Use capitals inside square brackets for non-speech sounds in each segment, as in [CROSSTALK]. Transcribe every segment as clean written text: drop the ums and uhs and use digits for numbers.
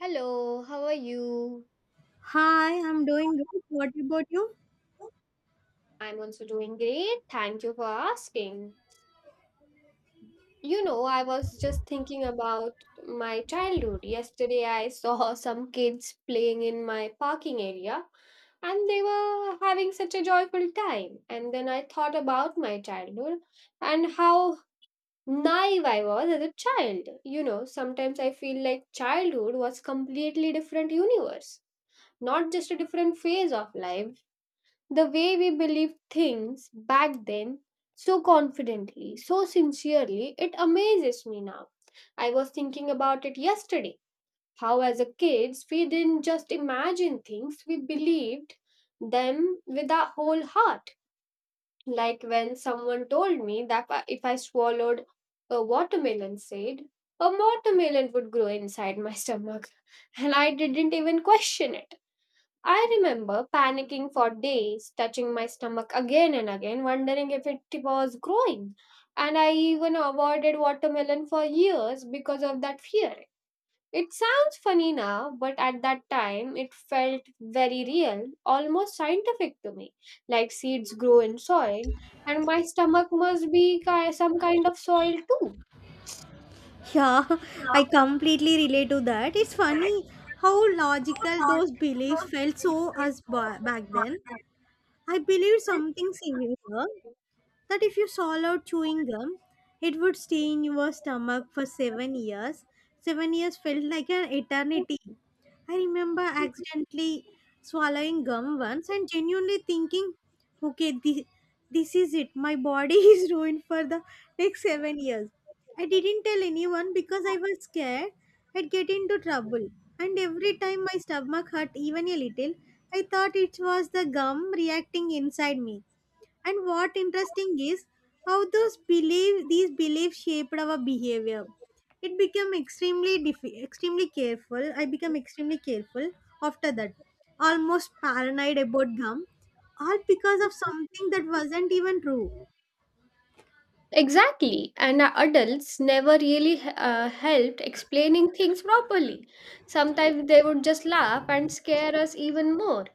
Hello, how are you? Hi, I'm doing good. What about you? I'm also doing great. Thank you for asking. You know, I was just thinking about my childhood. Yesterday, I saw [LAUGHS] some kids playing in my parking area and they were having such a joyful time. And then I thought about my childhood and how naive I was as a child. You know, sometimes I feel like childhood was completely different universe, not just a different phase of life. The way we believed things back then so confidently, so sincerely, it amazes me now. I was thinking about it yesterday. How, as a kids, we didn't just imagine things, we believed them with our whole heart. Like when someone told me that if I swallowed a watermelon seed, a watermelon would grow inside my stomach, [LAUGHS] and I didn't even question it. I remember panicking for days, touching my stomach again and again, wondering if it was growing. And I even avoided watermelon for years because of that fear. It sounds funny now, but at that time it felt very real, almost scientific to me, like seeds grow in soil, and my stomach must be some kind of soil too. Yeah, [LAUGHS] I completely relate to that. It's funny how logical those beliefs felt so back then. I believed something similar, that if you swallowed chewing gum, it would stay in your stomach for 7 years. 7 years felt like an eternity. I remember accidentally swallowing gum once and genuinely thinking, okay, this is it. My body [LAUGHS] is ruined for the next 7 years. I didn't tell anyone because I was scared I'd get into trouble. And every time my stomach hurt even a little, I thought it was the gum reacting inside me. And what interesting is how those belief these beliefs shaped our behavior. It became extremely careful. I became extremely careful after that, almost paranoid about gum, all because of something that wasn't even true. Exactly, and our adults never really helped explaining things properly. Sometimes they would just laugh and scare us even more.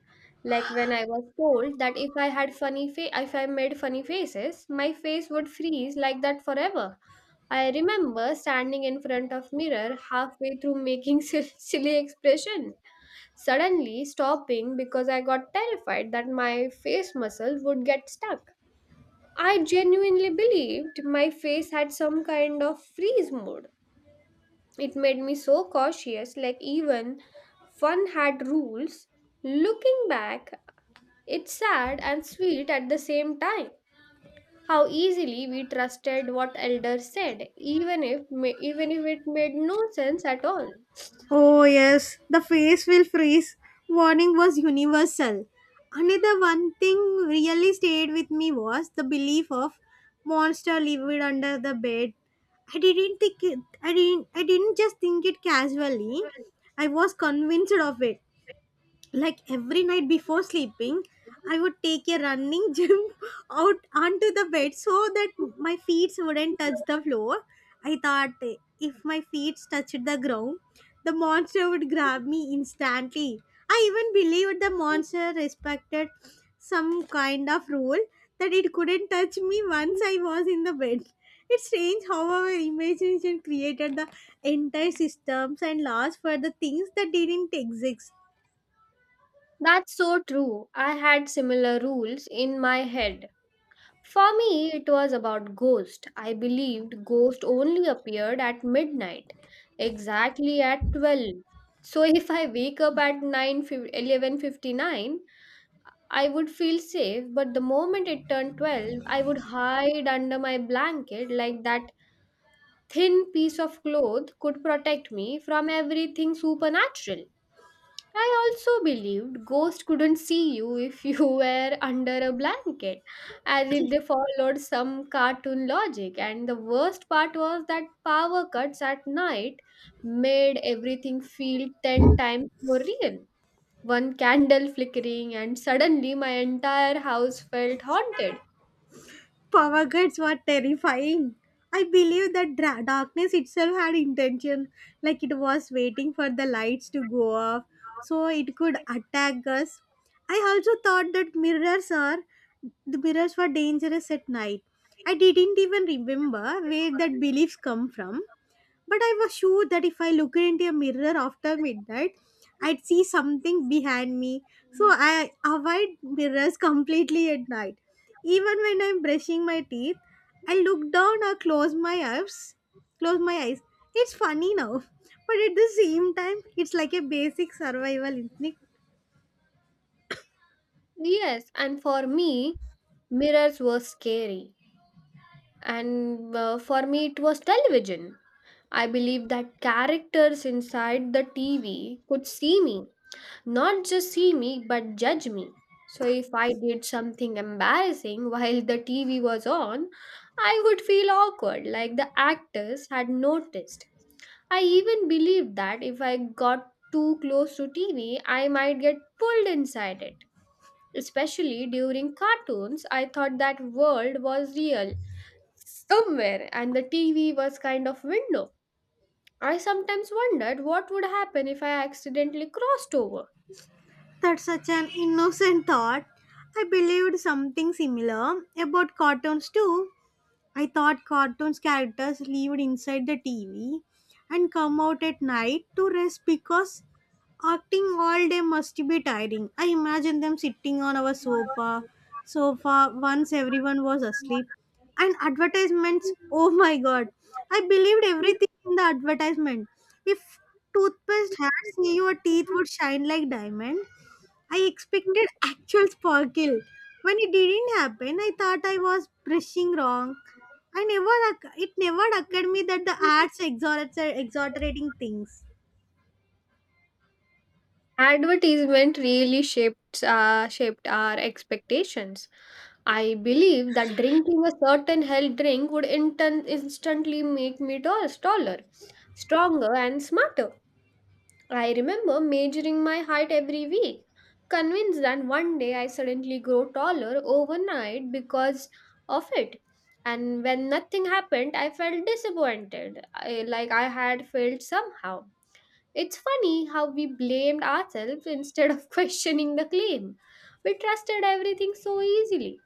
Like when I was told that if I if I made funny faces, my face would freeze like that forever. I remember standing in front of mirror halfway through making [LAUGHS] silly expression, suddenly stopping because I got terrified that my face muscle would get stuck. I genuinely believed my face had some kind of freeze mode. It made me so cautious, like even fun had rules. Looking back, it's sad and sweet at the same time. How easily we trusted what elders said, even if ma- even if it made no sense at all. Oh, yes, the face will freeze warning was universal. Another one thing really stayed with me was the belief of monster lived under the bed. I didn't think it, I didn't just think it casually. I was convinced of it. Like, every night before sleeping, I would take a running [LAUGHS] jump out onto the bed so that my feet wouldn't touch the floor. I thought if my feet touched the ground, the monster would grab me instantly. I even believed the monster respected some kind of rule, that it couldn't touch me once I was in the bed. It's strange how our imagination created the entire systems and laws for the things that didn't exist. That's so true. I had similar rules in my head. For me, it was about ghost. I believed ghost only appeared at midnight, exactly at 12. So [LAUGHS] if I wake up at 9:11:59, I would feel safe, but the moment it turned 12, I would hide under my blanket like that thin piece of cloth could protect me from everything supernatural. I also believed ghosts couldn't see you if you [LAUGHS] were under a blanket, as if they followed some cartoon logic. And the worst part was that power cuts at night made everything feel 10 times more real. One candle flickering, and suddenly my entire house felt haunted. Power grids were terrifying. I believe that darkness itself had intention, like it was waiting for the lights to go off so it could attack us. I also thought that mirrors are the mirrors were dangerous at night. I didn't even remember where that beliefs come from. But I was sure that if I looked into a mirror after midnight, I'd see something behind me. So I avoid mirrors [LAUGHS] completely at night. Even when I'm brushing my teeth, I look down or close my eyes. Close my eyes. It's funny now, [LAUGHS] but at the same time, it's like a basic survival instinct. Yes, and for me, mirrors were scary. And for me, it was television. I believe that characters inside the TV could see me, not just see me, but judge me. So if I did something embarrassing while the TV was on, I would feel awkward, like the actors had noticed. I even believed that if I got too close to TV, I might get pulled inside it. Especially during cartoons, I thought that world was real somewhere and the TV was kind of window. I sometimes wondered what would happen if I accidentally crossed over. That's such an innocent thought. I believed something similar about cartoons too. I thought cartoons characters lived inside the TV and come out at night to rest because acting all day must be tiring. I imagine them sitting on our sofa once everyone was asleep. And advertisements, oh my god. I believed everything in the advertisement. If toothpaste had say your teeth would shine like diamond, I expected actual sparkle. When it didn't happen, I thought I was brushing wrong. I never, oc- It never occurred me that the arts exhortating things. Advertisement really shaped our expectations. I believe that drinking a certain health drink would instantly make me taller, stronger, and smarter. I remember measuring my height every week, convinced that one day I suddenly grow taller overnight because of it. And when nothing happened, I felt disappointed, like I had failed somehow. It's funny how we blamed ourselves instead of [LAUGHS] questioning the claim. We trusted everything so easily.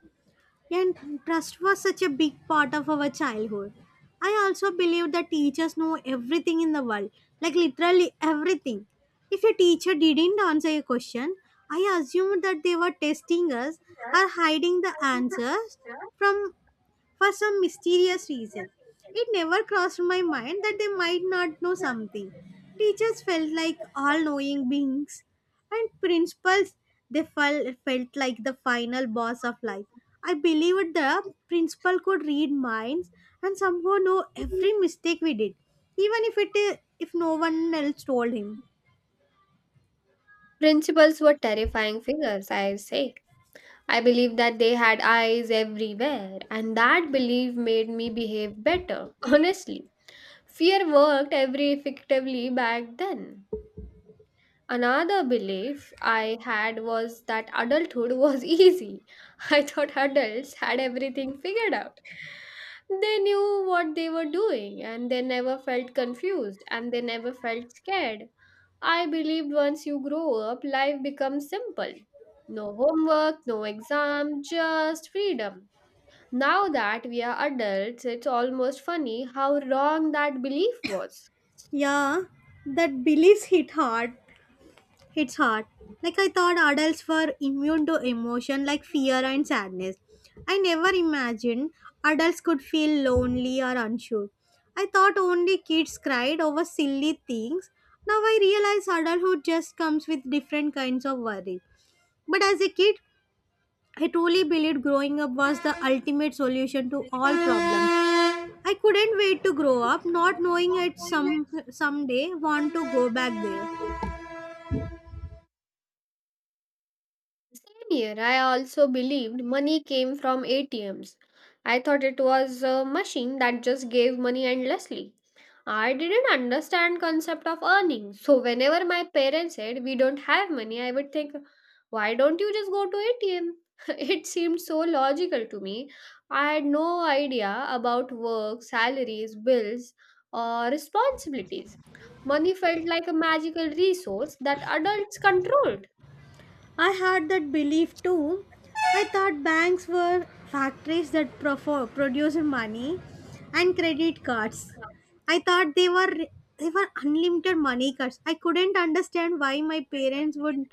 And trust was such a big part of our childhood. I also believe that teachers know everything in the world, like literally everything. If a teacher didn't answer a question, I assumed that they were testing us or hiding the answers from for some mysterious reason. It never crossed my mind that they might not know something. Teachers felt like all knowing beings, and principals they felt like the final boss of life. I believed the principal could read minds and somehow know every mistake we did, even if no one else told him. Principles were terrifying figures, I say. I believed that they had eyes everywhere, and that belief made me behave better, [LAUGHS] honestly. Fear worked every effectively back then. Another belief I had was that adulthood was [LAUGHS] easy. I thought adults had everything figured out. They knew what they were doing, and they never felt confused, and they never felt scared. I believed once you grow up, life becomes simple. No homework, no exam, just freedom. Now that we are adults, it's almost funny how wrong that belief was. Yeah, that belief hit hard. It's hard. Like I thought adults were immune to emotion like fear and sadness. I never imagined adults could feel lonely or unsure. I thought only kids cried over silly things. Now I realize adulthood just comes with different kinds of worry. But as a kid, I truly believed growing up was the ultimate solution to all problems. I couldn't wait to grow up, not knowing I'd someday want to go back there. Same here. I also believed money came from ATMs. I thought it was a machine that just gave money endlessly. I didn't understand concept of earning. So whenever my parents said we don't have money, I would think, why don't you just go to ATM? [LAUGHS] It seemed so logical to me. I had no idea about work, salaries, bills, or responsibilities. Money felt like a magical resource that adults controlled. I had that belief too. I thought banks were factories that produce money and credit cards. I thought they were unlimited money cards. I couldn't understand why my parents would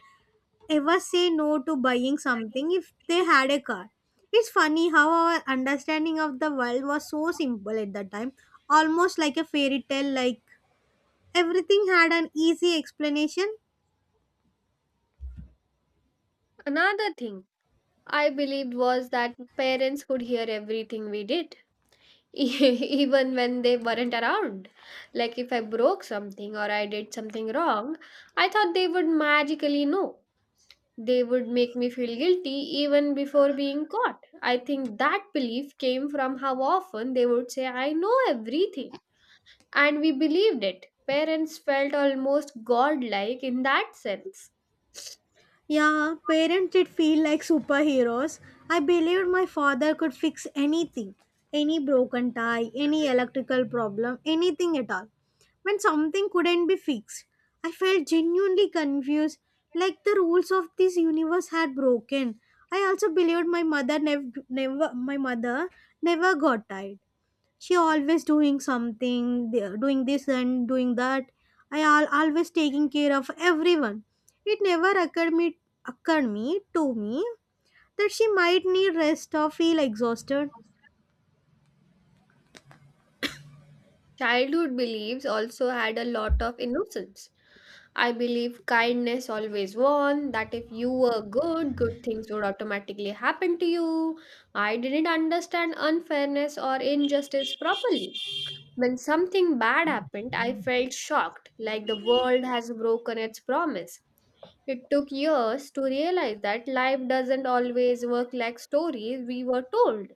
ever say no to buying something if they had a car. It's funny how our understanding of the world was so simple at that time, almost like a fairy tale, like everything had an easy explanation. Another thing I believed was that parents could hear everything we did, [LAUGHS] even when they weren't around. Like if I broke something or I did something wrong, I thought they would magically know. They would make me feel guilty even before being caught. I think that belief came from how often they would say, I know everything. And we believed it. Parents felt almost godlike in that sense. Yeah, parents did feel like superheroes. I believed my father could fix anything, any broken tie, any electrical problem, anything at all. When something couldn't be fixed, I felt genuinely confused, like the rules of this universe had broken. I also believed my mother never got tired. She always doing doing this and doing that. I always taking care of everyone. It never occurred me occurred me to me that she might need rest or feel exhausted. Childhood beliefs also had a lot of innocence. I believe kindness always won, that if you were good, good things would automatically happen to you. I didn't understand unfairness or injustice properly. When something bad happened, I felt shocked, like the world has broken its promise. It took years to realize that life doesn't always work like stories we were told.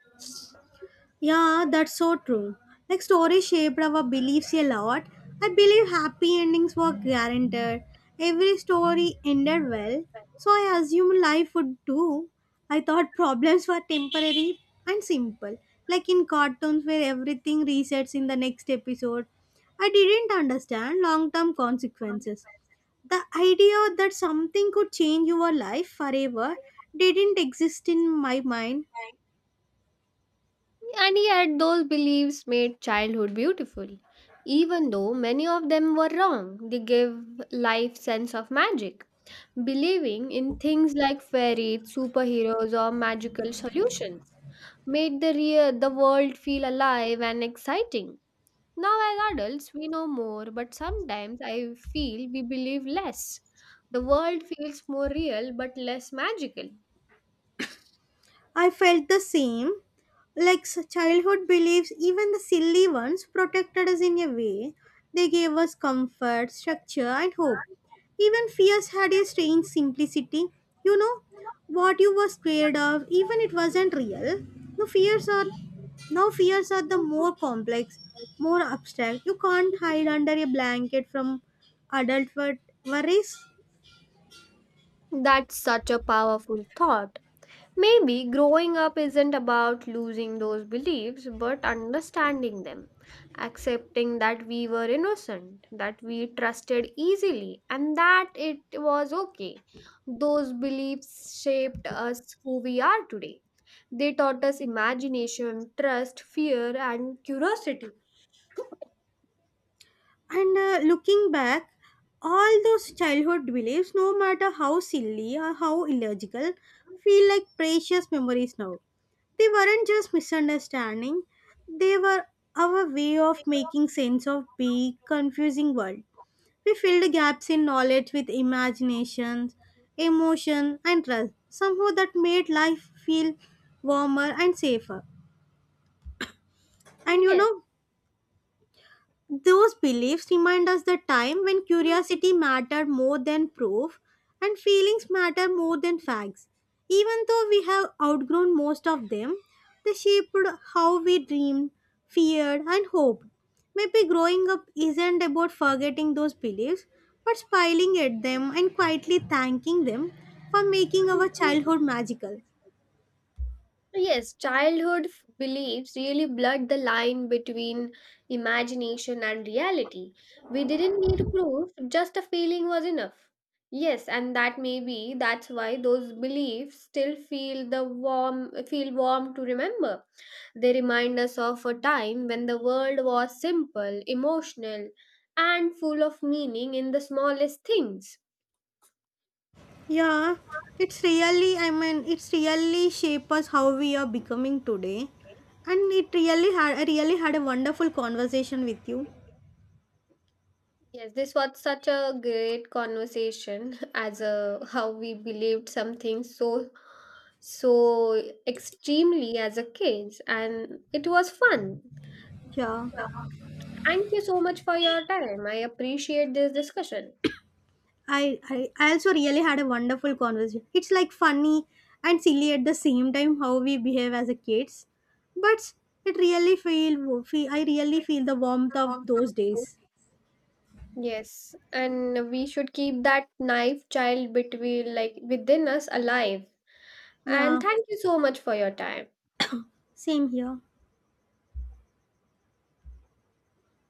Yeah, that's so true. Like stories shaped our beliefs a lot. I believe happy endings were guaranteed. Every story ended well, so I assumed life would too. I thought problems were temporary and simple, like in cartoons where everything resets in the next episode. I didn't understand long term consequences. The idea that something could change your life forever didn't exist in my mind. And yet, those beliefs made childhood beautiful. Even though many of them were wrong, they give life sense of magic. Believing in things like fairies, superheroes, or magical solutions made the world feel alive and exciting. Now, as adults, we know more, but sometimes I feel we believe less. The world feels more real but less magical. I felt the same. Like childhood beliefs, even the silly ones, protected us in a way. They gave us comfort, structure, and hope. Even fears had a strange simplicity. You know what you were scared of, even it wasn't real. No fears are Now fears are the more complex, more abstract. You can't hide under a blanket from adult worries. That's such a powerful thought. Maybe growing up isn't about losing those beliefs, but understanding them, accepting that we were innocent, that we trusted easily, and that it was okay. Those beliefs shaped us who we are today. They taught us imagination, trust, fear, and curiosity. And Looking back, all those childhood beliefs, no matter how silly or how illogical, feel like precious memories now. They weren't just misunderstanding, they were our way of making sense of big, confusing world. We filled gaps in knowledge with imaginations, emotion, and trust. Somehow that made life feel warmer and safer. And those beliefs remind us the time when curiosity mattered more than proof and feelings matter more than facts. Even though we have outgrown most of them, they shaped how we dreamed, feared, and hoped. Maybe growing up isn't about forgetting those beliefs, but smiling at them and quietly thanking them for making Yes. our childhood magical. So, yes, childhood beliefs really blurred the line between imagination and reality. We didn't need proof, just a feeling was enough. Yes, and that may be that's why those beliefs still feel warm to remember. They remind us of a time when the world was simple, emotional, and full of meaning in the smallest things. Yeah, it's really, I mean, it's really shape us how we are becoming today. And I really had a wonderful conversation with you. Yes, this was such a great conversation [LAUGHS] as a how we believed something so extremely as a kids and it was fun. Yeah, Thank you so much for your time. I appreciate this discussion. I also really had a wonderful conversation. It's like funny and silly at the same time how we behave as a kids. But it really feel, feel I really feel the warmth of those days. Yes, and we should keep that knife child between like within us alive. Yeah, And thank you so much for your time. same here.